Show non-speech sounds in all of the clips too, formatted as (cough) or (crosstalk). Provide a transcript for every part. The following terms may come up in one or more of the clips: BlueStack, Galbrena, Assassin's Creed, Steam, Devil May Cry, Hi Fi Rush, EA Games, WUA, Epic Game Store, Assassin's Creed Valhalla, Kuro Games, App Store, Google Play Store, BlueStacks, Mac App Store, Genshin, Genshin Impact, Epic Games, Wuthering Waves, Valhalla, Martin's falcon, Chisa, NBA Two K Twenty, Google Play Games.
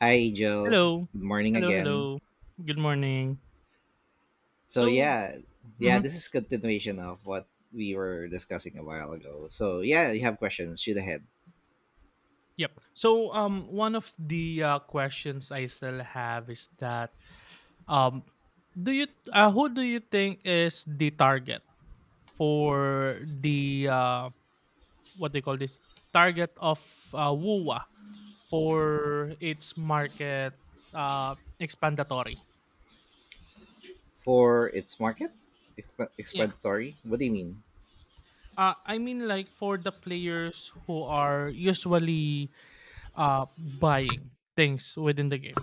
Hi, Joe. Hello. Good morning Hello, again. hello. Good morning. So So, yeah, yeah, mhm, this is continuation of what we were discussing a while ago. So yeah, you have questions. Shoot ahead yep. One of the questions I still have is um, do you who do you think is the target for the what they call this target of WUA for its market expandatory? for its market Yeah. explanatory. What do you mean? I mean, like for the players who are usually buying things within the game.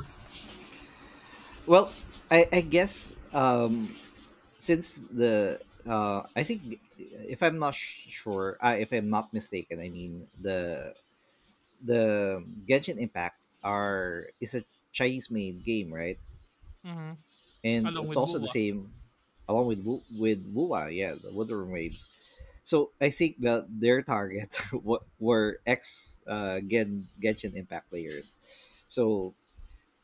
Well, I guess since the I think if I'm not sh- sure, if I'm not mistaken, I mean the Genshin Impact are is a Chinese made game, right? Hmm. And Along it's with also the WUA. same along with Wua, yeah, the Wuthering Waves. So I think that their target (laughs) wa- were ex Gen Genshin Impact players. So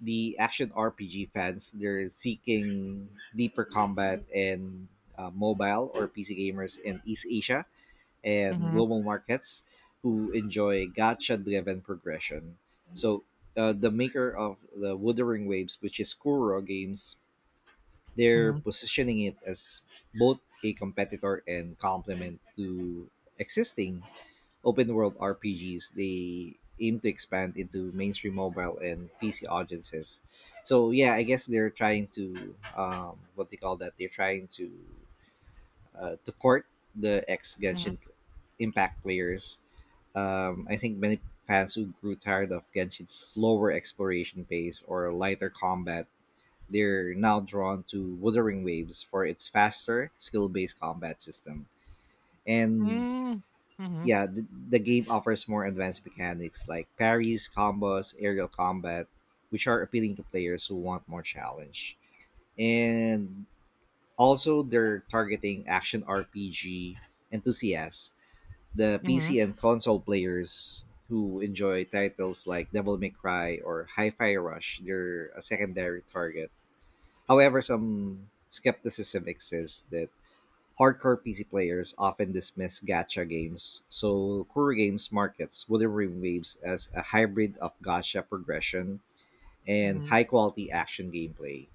the action RPG fans, they're seeking deeper combat, and mobile or PC gamers in East Asia and Mm-hmm. global markets who enjoy gacha-driven progression. So the maker of the Wuthering Waves, which is Kuro Games, they're Mm-hmm. positioning it as both a competitor and complement to existing open world RPGs. They aim to expand into mainstream mobile and PC audiences. So yeah, I guess they're trying to what they call that. They're trying to court the ex Mm-hmm. Genshin Impact players. I think many fans who grew tired of Genshin's slower exploration pace or lighter combat, they're now drawn to Wuthering Waves for its faster, skill based combat system. And Mm-hmm. yeah, the game offers more advanced mechanics like parries, combos, aerial combat, which are appealing to players who want more challenge. And also, they're targeting action RPG enthusiasts, the Mm-hmm. PC and console players who enjoy titles like Devil May Cry or Hi Fi Rush. They're a secondary target. However, some skepticism exists that hardcore PC players often dismiss gacha games, so Kuro Games markets Wooden Rim Waves as a hybrid of gacha progression and Mm-hmm. high quality action gameplay.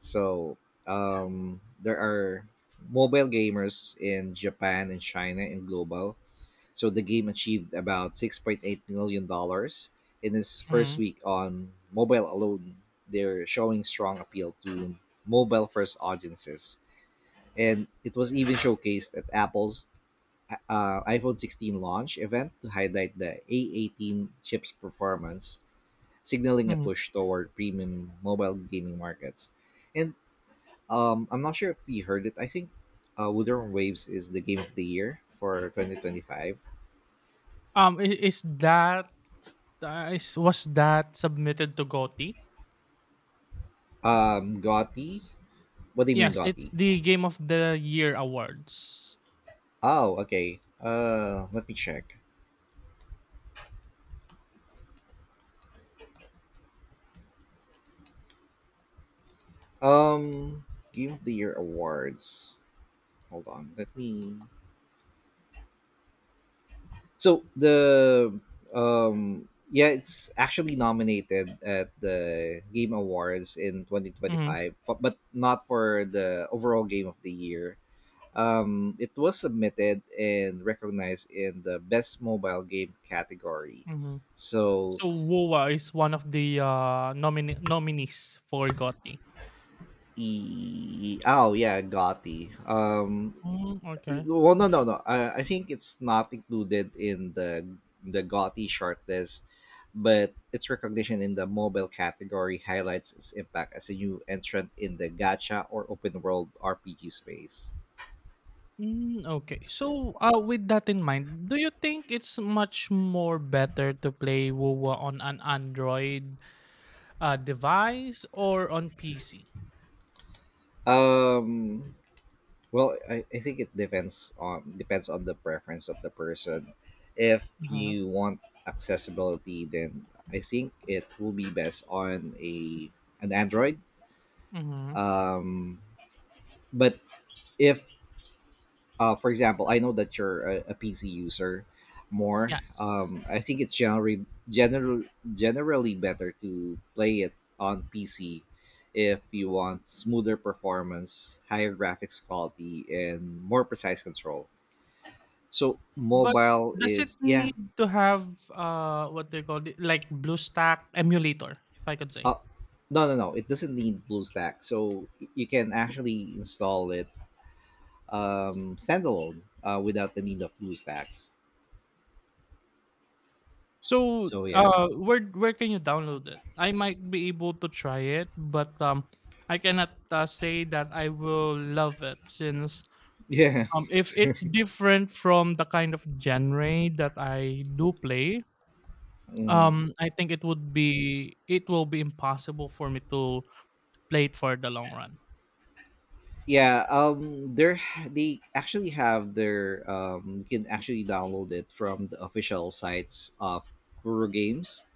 So, there are mobile gamers in Japan and China and global, so the game achieved about $6.8 million dollars in its first Mm-hmm. week on mobile alone. They're showing strong appeal to mobile first audiences. And it was even showcased at Apple's iPhone 16 launch event to highlight the A18 chip's performance, signaling a Mm-hmm. push toward premium mobile gaming markets. And I'm not sure if you heard it. I think Woodland Waves is the game of the year for 2025. Is that is was that submitted to goti? Gotti? What do you mean Yes, it's Gotti? the game of the year awards. Oh, okay. Let me check. Um, Game of the Year awards. Hold on. Let me. So the yeah, it's actually nominated at the Game Awards in Mm-hmm. 2025, but not for the overall Game of the Year. It was submitted and recognized in the Best Mobile Game category. Mm-hmm. So, So woa is one of the nominees for goti. Oh yeah, Gotti. Mm, okay. Well, no, no, no. I think it's not included in the GOTY shortlist, but its recognition in the mobile category highlights its impact as a new entrant in the gacha or open world RPG space. Mm, okay. So, with that in mind, do you think it's much more better to play WoWA on an Android device or on PC? Um, well, I think it depends on the preference of the person. If Uh-huh. you want accessibility, then I think it will be best on a an Android. Mm-hmm. Um, but if for example, I know that you're PC user more. Yes. I think it's generally better to play it on PC if you want smoother performance, higher graphics quality, and more precise control. So But mobile does it is yeah. need to have what they call it like BlueStack emulator, if I could say? Uh, no, no, no. It doesn't need BlueStack, so you can actually install it standalone without the need of BlueStacks. So, So yeah, where can you download it? I might be able to try it, but I cannot say that I will love it since (laughs) yeah. Um, if it's different from the kind of genre that I do play, Hmm. um, I think it will be impossible for me to play it for the long run. Yeah, they actually have their you can actually download it from the official sites of Guru Games,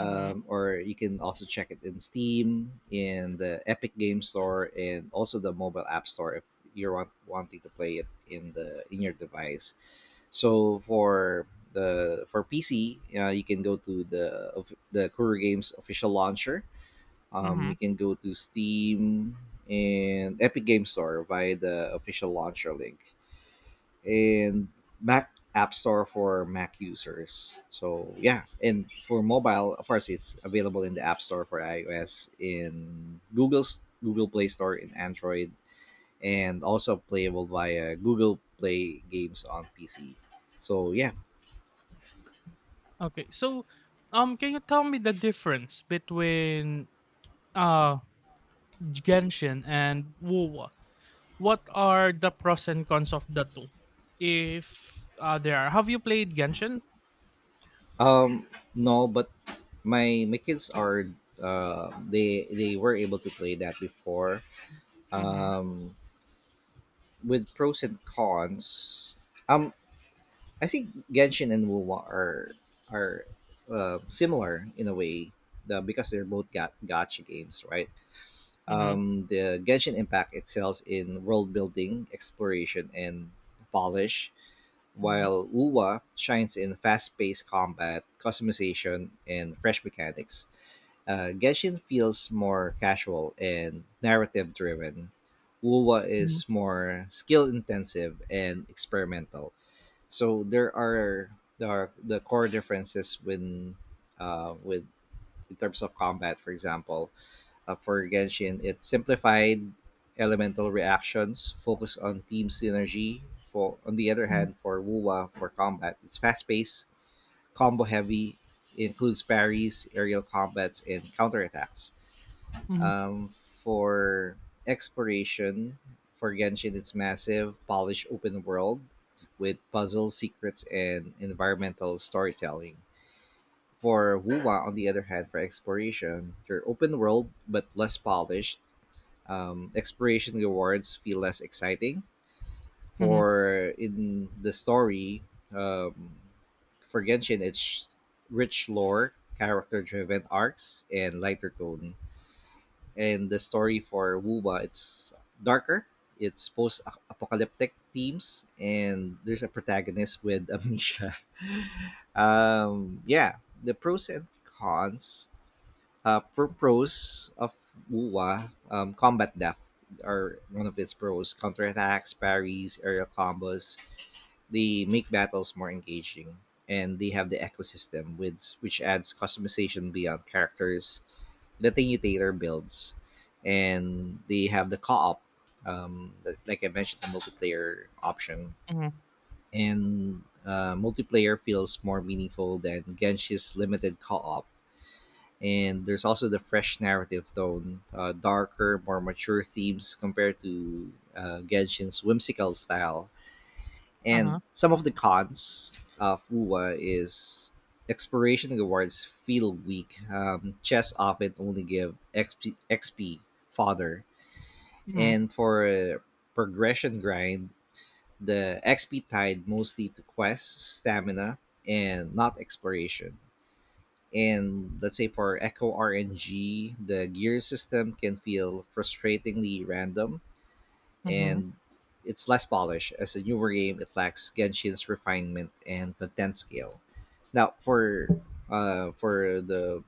Mm-hmm. or you can also check it in Steam, in the Epic Game Store, and also the mobile app store if you're wanting to play it in the in your device. So for the for PC, you can go to the of the Guru Games official launcher, you Mm-hmm. can go to Steam and Epic Game Store via the official launcher link, and Mac App Store for Mac users. So yeah, and for mobile, of course, it's available in the App Store for iOS, in Google Play Store, in Android, and also playable via Google Play games on PC. So yeah, Okay, so can you tell me the difference between uh Genshin and Wu? What are the pros and cons of the two? If, There are. Have you played Genshin? um, no, but my kids are they were able to play that before, Mhm, um, with pros and cons. Um, I think Genshin and Wuwa are similar in a way, because they're both gotcha games, right? mhm, The Genshin Impact excels in world building, exploration, and polish, mhm, while Wuwa shines in fast paced combat, customization, and fresh mechanics. Genshin feels more casual and narrative driven. Wuwa mhm, is more skill intensive and experimental. So there are the core differences when with in terms of combat, for example, for Genshin, it simplified elemental reactions, focus on team synergy. For on the other mhm, hand, for Wuwa, for combat, it's fast paced, combo heavy, includes parries, aerial combats, and counterattacks. mhm, Um, for exploration, for Genshin, it's massive, polished open world with puzzles, secrets, and environmental storytelling. For Wuwa, on the other hand, for exploration, they're open world but less polished. Exploration rewards feel less exciting. mhm, For in the story, um, for Genshin, it's rich lore, character driven arcs, and lighter tone, and the story for Wuba, it's darker. It's post-apocalyptic themes, and there's a protagonist with amnesia. (laughs) Um, yeah, the pros and cons. For pros of Wuwa, combat death are one of its pros. Counterattacks, parries, aerial combos. They make battles more engaging, and they have the ecosystem with which adds customization beyond characters, the Tinutator builds, and they have the co-op, that- like I mentioned, the multiplayer option, mhm, and multiplayer feels more meaningful than Genshi's limited co-op. And there's also the fresh narrative tone, darker, more mature themes compared to Genshin's whimsical style, uh-huh, and some of the cons of UWA is exploration rewards feel weak. Chests often only give XP, fodder, mhm, and for progression grind, the XP tied mostly to quests, stamina, and not exploration. And let's say for Echo RNG, the gear system can feel frustratingly random mhm, and it's less polished. As a newer game, it lacks Genshin's refinement and content scale. Now, for the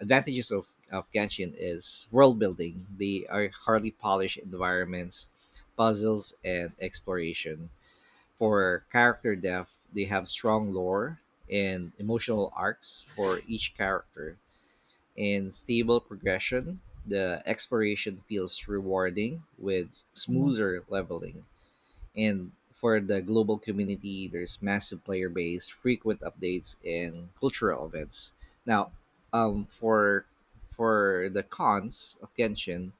advantages of Genshin is world building. They are hardly polished environments, puzzles, and exploration. For character depth, they have strong lore and emotional arcs for each character, and stable progression. The exploration feels rewarding with mhm, smoother leveling, and for the global community, there's massive player base, frequent updates, and cultural events. Now, for the cons of Genshin,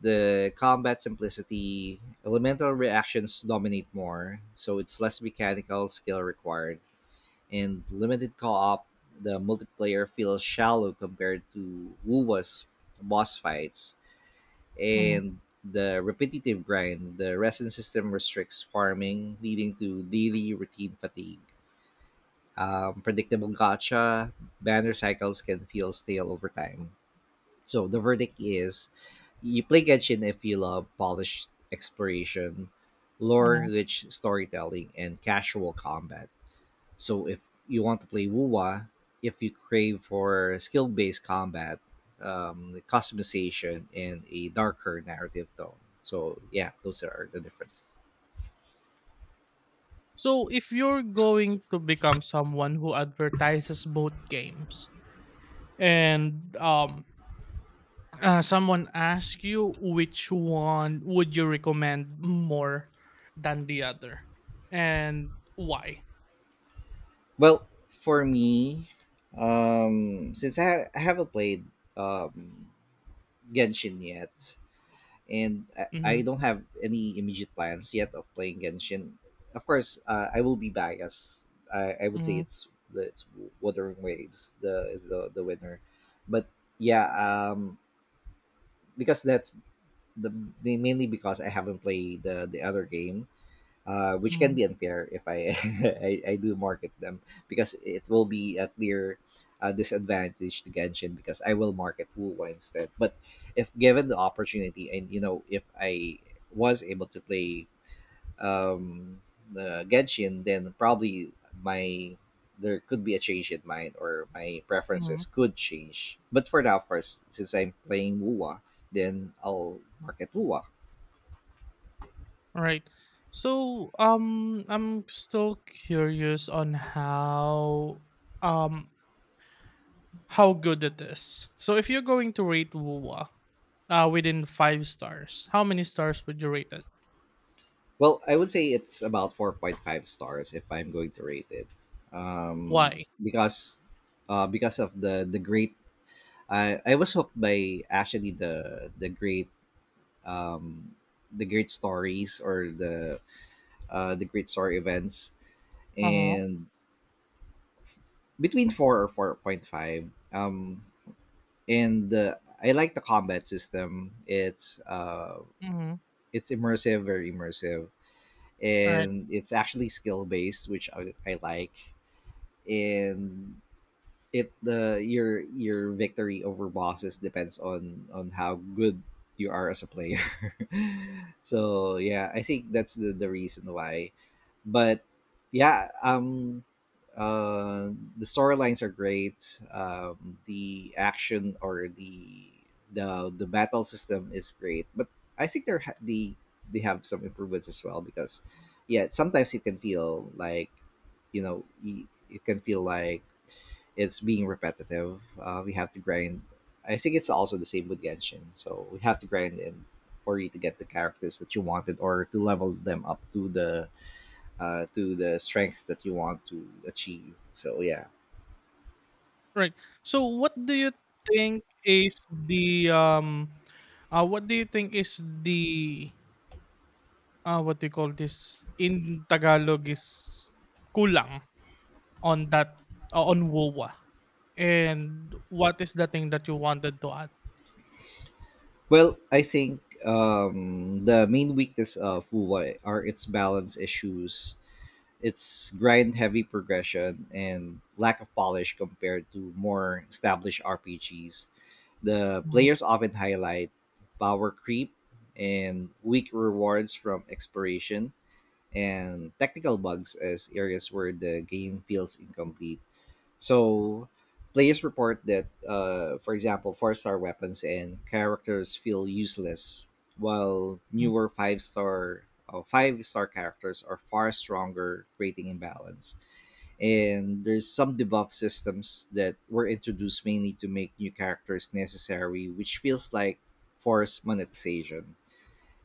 the combat simplicity, elemental reactions dominate more, so it's less mechanical skill required, and limited co-op. The multiplayer feels shallow compared to WoW's boss fights, mhm, and the repetitive grind, the resin system restricts farming, leading to daily routine fatigue. Predictable gotcha banner cycles can feel stale over time. So the verdict is, you play Genshin if you love polished exploration, lore mhm. rich storytelling, and casual combat. So if you want to play WUWA, if you crave for skill-based combat, customization, and a darker narrative tone. So yeah, those are the difference. So, if you're going to become someone who advertises both games, and someone asks you which one would you recommend more than the other and why? Well, for me, since I haven't played um, Genshin yet, and I Mhm, don't have any immediate plans yet of playing Genshin. Of course, I will be biased. I would say mhm, it's it's Wuthering Waves the is the winner, but yeah, because that's the, the mainly because I haven't played the other game, which can mhm, be unfair if I, (laughs) I do market them because it will be a clear disadvantage to Genshin because I will market Wuwa instead. But if given the opportunity and you know if I was able to play, um, the Genshin, then probably my there could be a change in mind or my mhm. preferences could change. But for now, of course, since I'm playing Wuwa, then I'll market Wuwa. Right. So, I'm still curious on um, how good it is. So, if you're going to rate Wuwa, within five stars, how many stars would you rate it? Well, I would say it's about 4.5 stars if I'm going to rate it. Um, Why? because because of the great I was hooked by actually the great, um, the great stories or the great story events, Uh huh. and between 4 or 4.5, um, and I like the combat system. Mm-hmm. It's immersive, very immersive, All right. and it's actually skill based, which I like, and it the your victory over bosses depends on how good you are as a player. (laughs) So yeah, I think that's the reason why. But yeah, uh the storylines are great. Um, the action or the battle system is great, but I think the they have some improvements as well because yeah, sometimes it can feel like you know y- it can feel like it's being repetitive. We have to grind. I think it's also the same with Genshin. So we have to grind in for you to get the characters that you wanted or to level them up to the strength that you want to achieve. So yeah, Right. So, what do you think is the what do you think is the what do you call this in Tagalog is kulang on that, on WOA? And what is the thing that you wanted to add? well, I think the main weakness of Wuwai are its balance issues, its grind heavy progression, and lack of polish compared to more established RPGs. The Mhm, players often highlight power creep and weak rewards from exploration and technical bugs as areas where the game feels incomplete. So players report that, for example, four-star weapons and characters feel useless, while mhm, newer five star characters are far stronger, creating imbalance. And there's some debuff systems that were introduced mainly to make new characters necessary, which feels like forced monetization.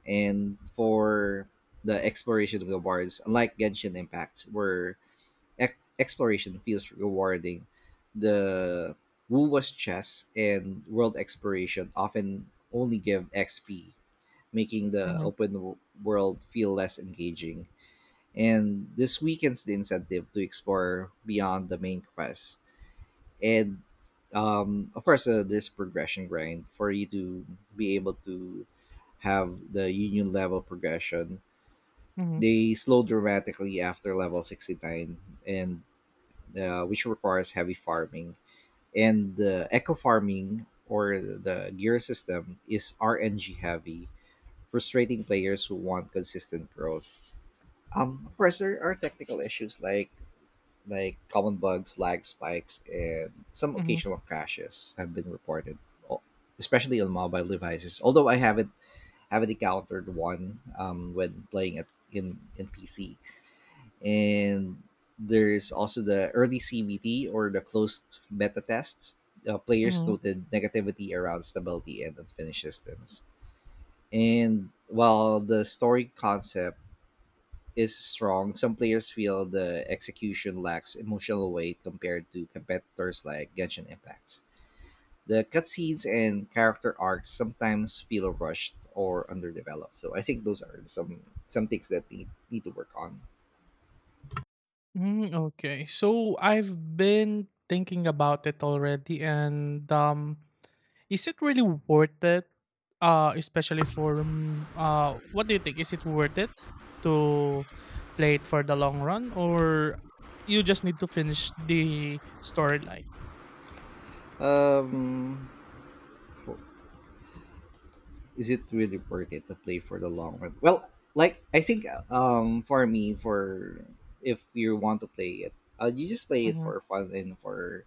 And for the exploration of the wards, unlike Genshin Impact, where exploration feels rewarding. The Wu was chess and world exploration often only give XP, making the mhm, open world feel less engaging. And this weakens the incentive to explore beyond the main quest. And of course, this progression grind for you to be able to have the union level progression. mhm, They slow dramatically after level 69, and which requires heavy farming. And the eco farming or the gear system is RNG heavy, frustrating players who want consistent growth. Of course, there are technical issues like common bugs, lag spikes, and some mhm, occasional crashes have been reported, o- especially on mobile devices. Although I haven't encountered one when playing it in PC, and there's also the early CBT or the closed beta tests. Players mhm. noted negativity around stability and unfinished systems. And while the story concept is strong, some players feel the execution lacks emotional weight compared to competitors like Genshin Impact. The cutscenes and character arcs sometimes feel rushed or underdeveloped. So I think those are some things that they need to work on. Mm, okay. I've been thinking about it already and Is it really worth it? What do you think? Is it worth it to play it for the long run, or you just need to finish the storyline? Um, is it really worth it to play for the long run? Well, like I think for me for if you want to play it, you just play it Mm-hmm, for fun and for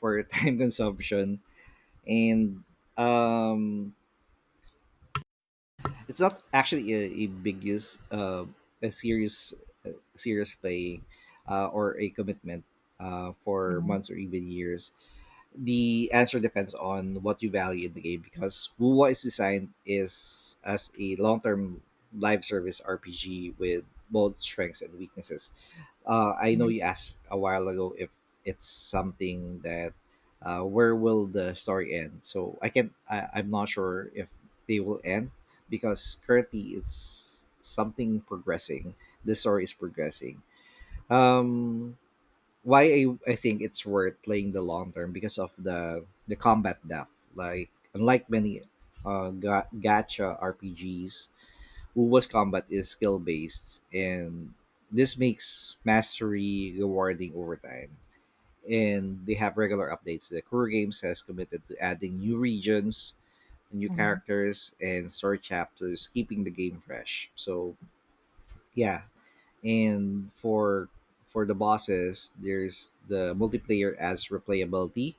for (laughs) time consumption, and um it's not actually a big use, a serious playing, or a commitment for mm-hmm, months or even years. The answer depends on what you value in the game because WUWA is designed is as a long-term live service RPG with both strengths and weaknesses. I know you asked a while ago if it's something that where will the story end. So I'm not sure if they will end, because currently it's something progressing. The story is progressing. Um, why I think it's worth playing the long term because of the combat depth. Like unlike many gacha RPGs, Uwa's combat is skill based, and this makes mastery rewarding over time. And they have regular updates. The Kuro Games has committed to adding new regions, new mm-hmm, characters and story chapters, keeping the game fresh. So yeah, and for the bosses, there's the multiplayer adds replayability,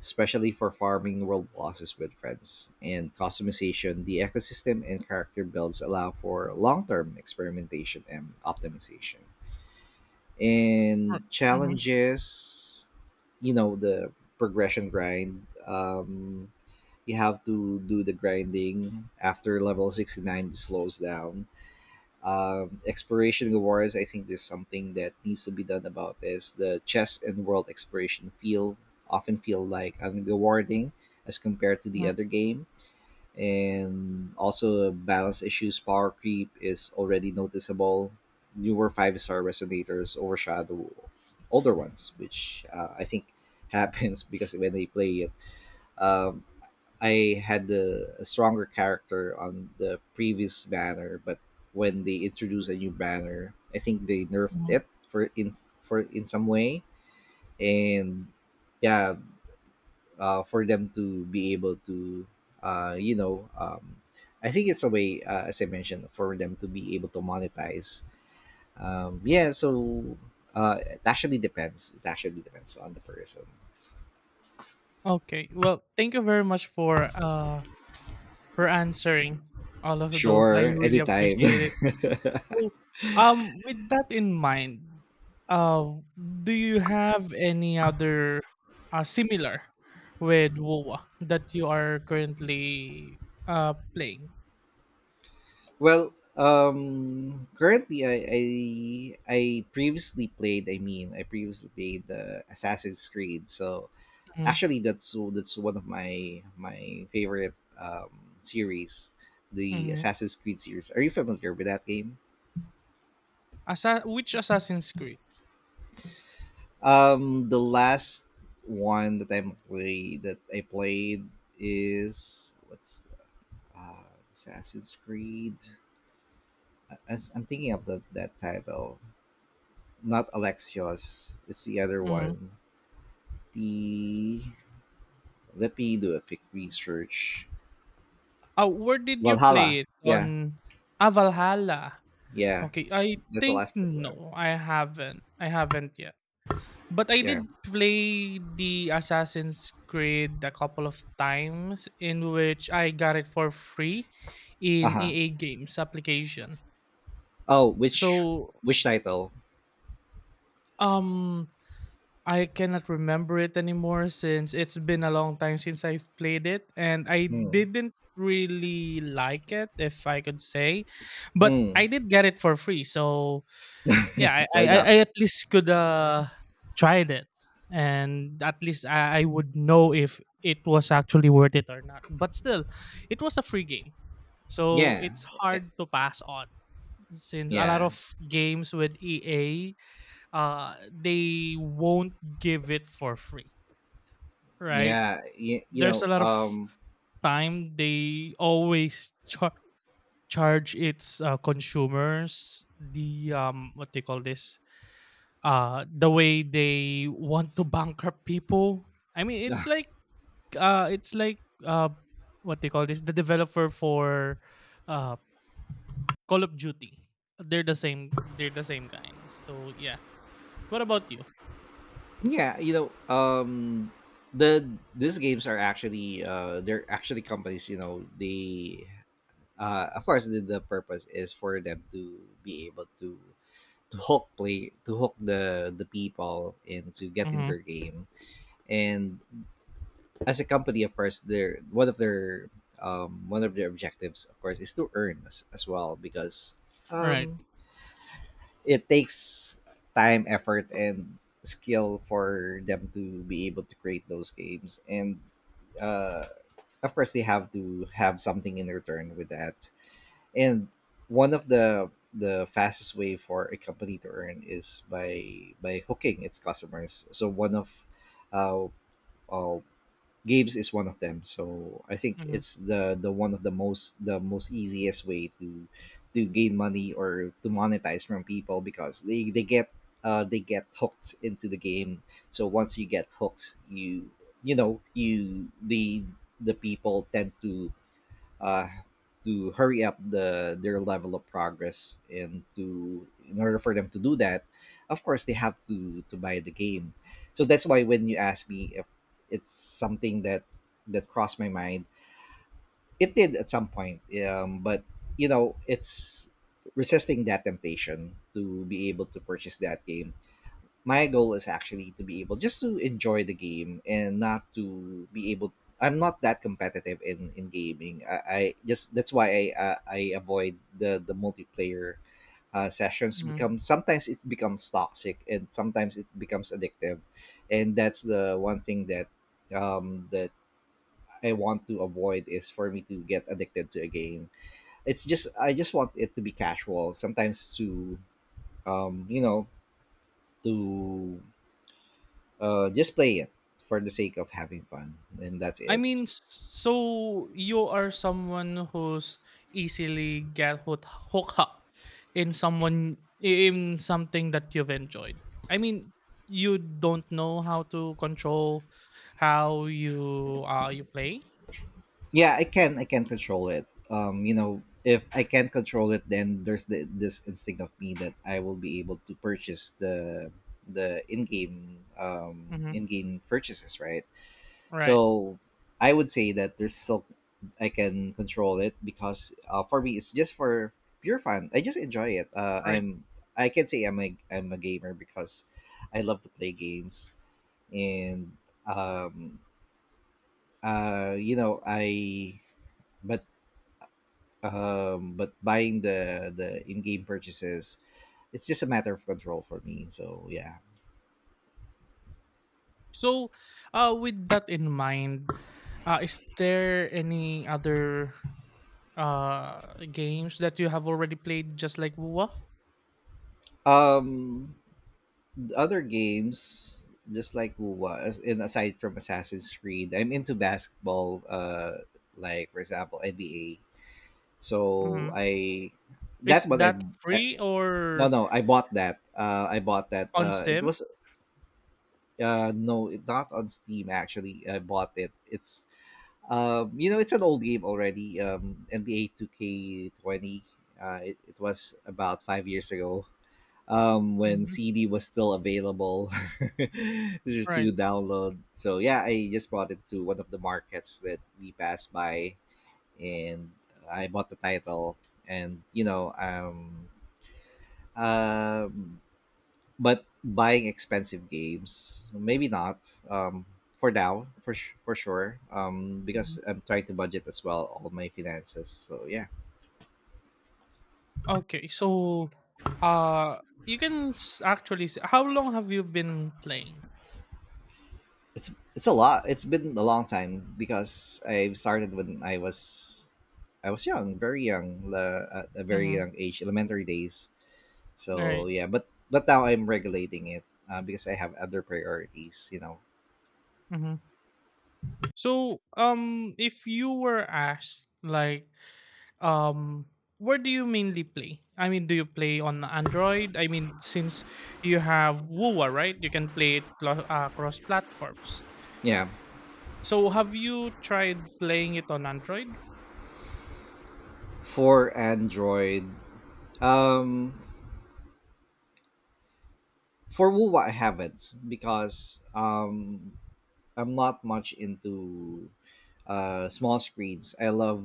especially for farming world bosses with friends. And customization, the ecosystem and character builds allow for long-term experimentation and optimization. mm-hmm, And mm-hmm, challenges, the progression grind. You have to do the grinding after level 69, it slows down. Exploration rewards, I think there's something that needs to be done about this. The chess and world exploration feel often feel like unrewarding as compared to the mm-hmm, other game. And also balance issues, power creep is already noticeable. Newer five-star resonators overshadow older ones, which I think happens (laughs) because when they play it, um, I had a stronger character on the previous banner, but when they introduced a new banner, I think they nerfed mm-hmm. it for in some way, and yeah, for them to be able to, uh, you know, um, I think it's a way, as I mentioned, for them to be able to monetize. Yeah, so it actually depends. It actually depends on the person. Okay. Well, thank you very much for answering all of those. I Sure, really anytime. (laughs) appreciate it. So, with that in mind, uh, do you have any other similar with WoWA that you are currently playing? Well, currently I previously played. I mean, I previously played the Assassin's Creed. So Mm-hmm. actually, that's one of my favorite series, the Mm-hmm. Assassin's Creed series. Are you familiar with that game? Which Assassin's Creed? The last one that I played is what's Assassin's Creed. I'm thinking of that title. Not Alexios. It's the other Mm-hmm. one. The Let me do a quick research. Where did you Valhalla. play it Yeah, on? Ah, Valhalla. yeah. Okay, I That's the think last one. no, I haven't. I haven't yet. But I Yeah. did play the Assassin's Creed a couple of times, in which I got it for free Uh in huh. EA Games application. Oh, which So title? um I cannot remember it anymore since it's been a long time since I've played it, and I Hmm. didn't really like it, if I could say. But I Hmm. did get it for free. So yeah, I I Why I not? I at least could tried it, and at least I would know if it was actually worth it or not. But still, it was a free game, so Yeah. it's Eh, hard to pass on, since a lot yeah. of games with EA, they won't give it for free, right? Yeah. You There's a know. lot of time they always charge its consumers the what they call this, the way they want to bankrupt people. I mean, (laughs) it's like, uh what they call this, the developer for uh Call of Duty. They're the same, they're the same kinds. So yeah, what about you? Yeah. You know. The these games are actually they're actually companies. You know they, of course the purpose is for them to be able to hook play to hook the people into getting Mm-hmm. their game, and as a company of course their one of their one of their objectives of course is to earn as well, because All right. um, it takes time, effort and skill for them to be able to create those games, and uh, of course they have to have something in return with that. And one of the fastest way for a company to earn is by hooking its customers. So one of uh, uh games is one of them. So I think it's the one of the most easiest way to gain money or to monetize from people, because they get hooked into the game. So once you get hooked, you know you the people tend to, uh, to hurry up their level of progress, and to in order for them to do that, of course they have to buy the game. So that's why when you ask me if it's something that crossed my mind, it did at some point. But it's resisting that temptation to be able to purchase that game. My goal is actually to be able just to enjoy the game and not to be able. I'm not that competitive in gaming. I just, that's why I avoid the multiplayer sessions, Mm-hmm. become sometimes it becomes toxic and sometimes it becomes addictive. And that's the one thing that um that I want to avoid, is for me to get addicted to a game. It's just I just want it to be casual sometimes, to um you know to just play it for the sake of having fun, and that's I it. mean, so you are someone who's easily get hooked up in someone, in something that you've enjoyed. I mean, you don't know how to control how you play. Yeah, I can control it. If I can't control it, then there's this instinct of me that I will be able to purchase the in-game Hmm. in-game purchases, right? Right, So I would say that there's still I can control it, because for me it's just for pure fun. I just enjoy it. Right. I'm, I can say I'm a gamer because I love to play games. And um you know I but but buying the in-game purchases, it's just a matter of control for me. So yeah. So, with that in mind, is there any other games that you have already played, just like Wuwa? um the other games just like Uwa, and aside from Assassin's Creed, I'm into basketball, like for example NBA. So Hmm. I that Is one. that I, free, no or no, I bought that. I bought that, on it Steam? was. No, not on Steam. Actually, I bought it. It's an old game already. NBA 2K20. It was about 5 years ago. When Mhm, CD was still available (laughs) right. to download. So yeah, I just brought it to one of the markets that we passed by, and I bought the title. And you know, um but buying expensive games, maybe not for now, for sure. Because Mhm. I'm trying to budget as well all my finances. So yeah. Okay, so, uh, you can s actually s how long have you been playing? It's a lot. It's been a long time, because I started when I was young, very young, at a very young Mhm, age, elementary days. So right, yeah, but now I'm regulating it, because I have other priorities, you know. mhm. So, if you were asked, um, where do you mainly play? I mean, do you play on Android? I mean, since you have WooA, right? You can play it clo cross platforms. Yeah, So have you tried playing it on Android? for Android. um For Wuwa, I haven't, because I'm not much into small screens. I love.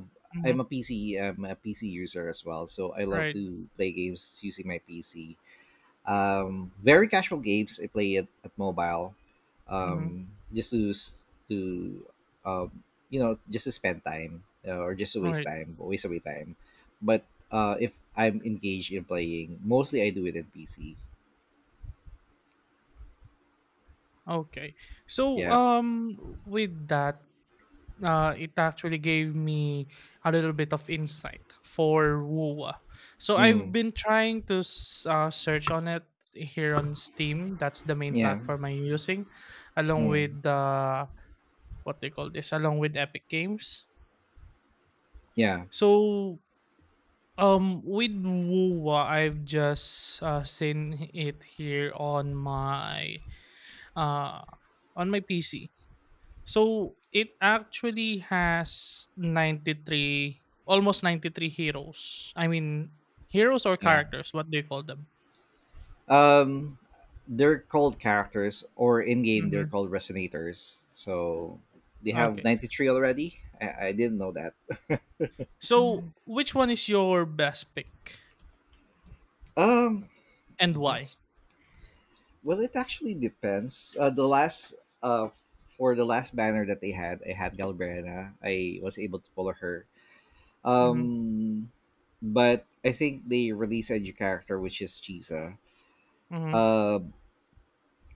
I'm Mhm, a PC. I'm a PC user as well, so I love right, to play games using my PC. Very casual games I play at mobile, mhm, just to to um, just to spend time, or just to waste right. time, waste away time. But if I'm engaged in playing, mostly I do it in PC. Okay. So, Yeah. With that, it actually gave me a little bit of insight for WUA. So I've Mm. been trying to search on it here on Steam. That's the main Yeah. platform I'm using, along Mm. with what they call this, along with Epic Games. Yeah. So, with WUA, I've just seen it here uh on my PC. So it actually has 93, almost 93 heroes. I mean, heroes or Yeah. characters, what do you call them? Um they're called characters, or in game they're Hmm. called resonators. So they have Okay. 93 already. I didn't know that. So which one is your best pick Um and why? Best. Well, it actually depends. The last uh for the last banner that they had, I had Galbrena. I was able to pull her. Mm-hmm. Um but I think they released a new character which is Chisa. Mm-hmm. Um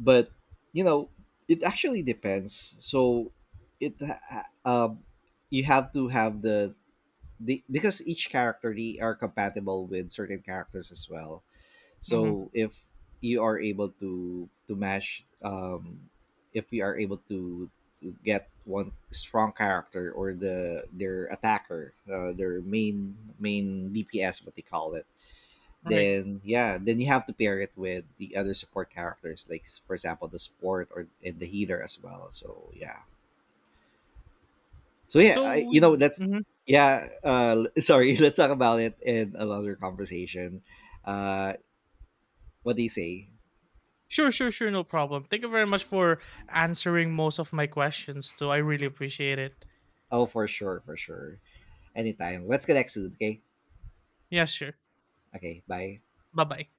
but you know it actually depends, so it ha- um you have to have the because each character, they are compatible with certain characters as well. Mm-hmm. So if you are able to match, if you are able to get one strong character or their attacker, their main DPS, what they call it, Right. then yeah, then you have to pair it with the other support characters, like for example the support or and the healer as well. So yeah, I, So with that's, mhm. yeah. (laughs) Sorry, let's talk about it in another conversation. Uh, what do you say? Sure, sure, sure, no problem. Thank you very much for answering most of my questions too. I really appreciate it. Oh, for sure, anytime. Let's connect soon. Okay, Yes, sure. okay, bye. Bye bye.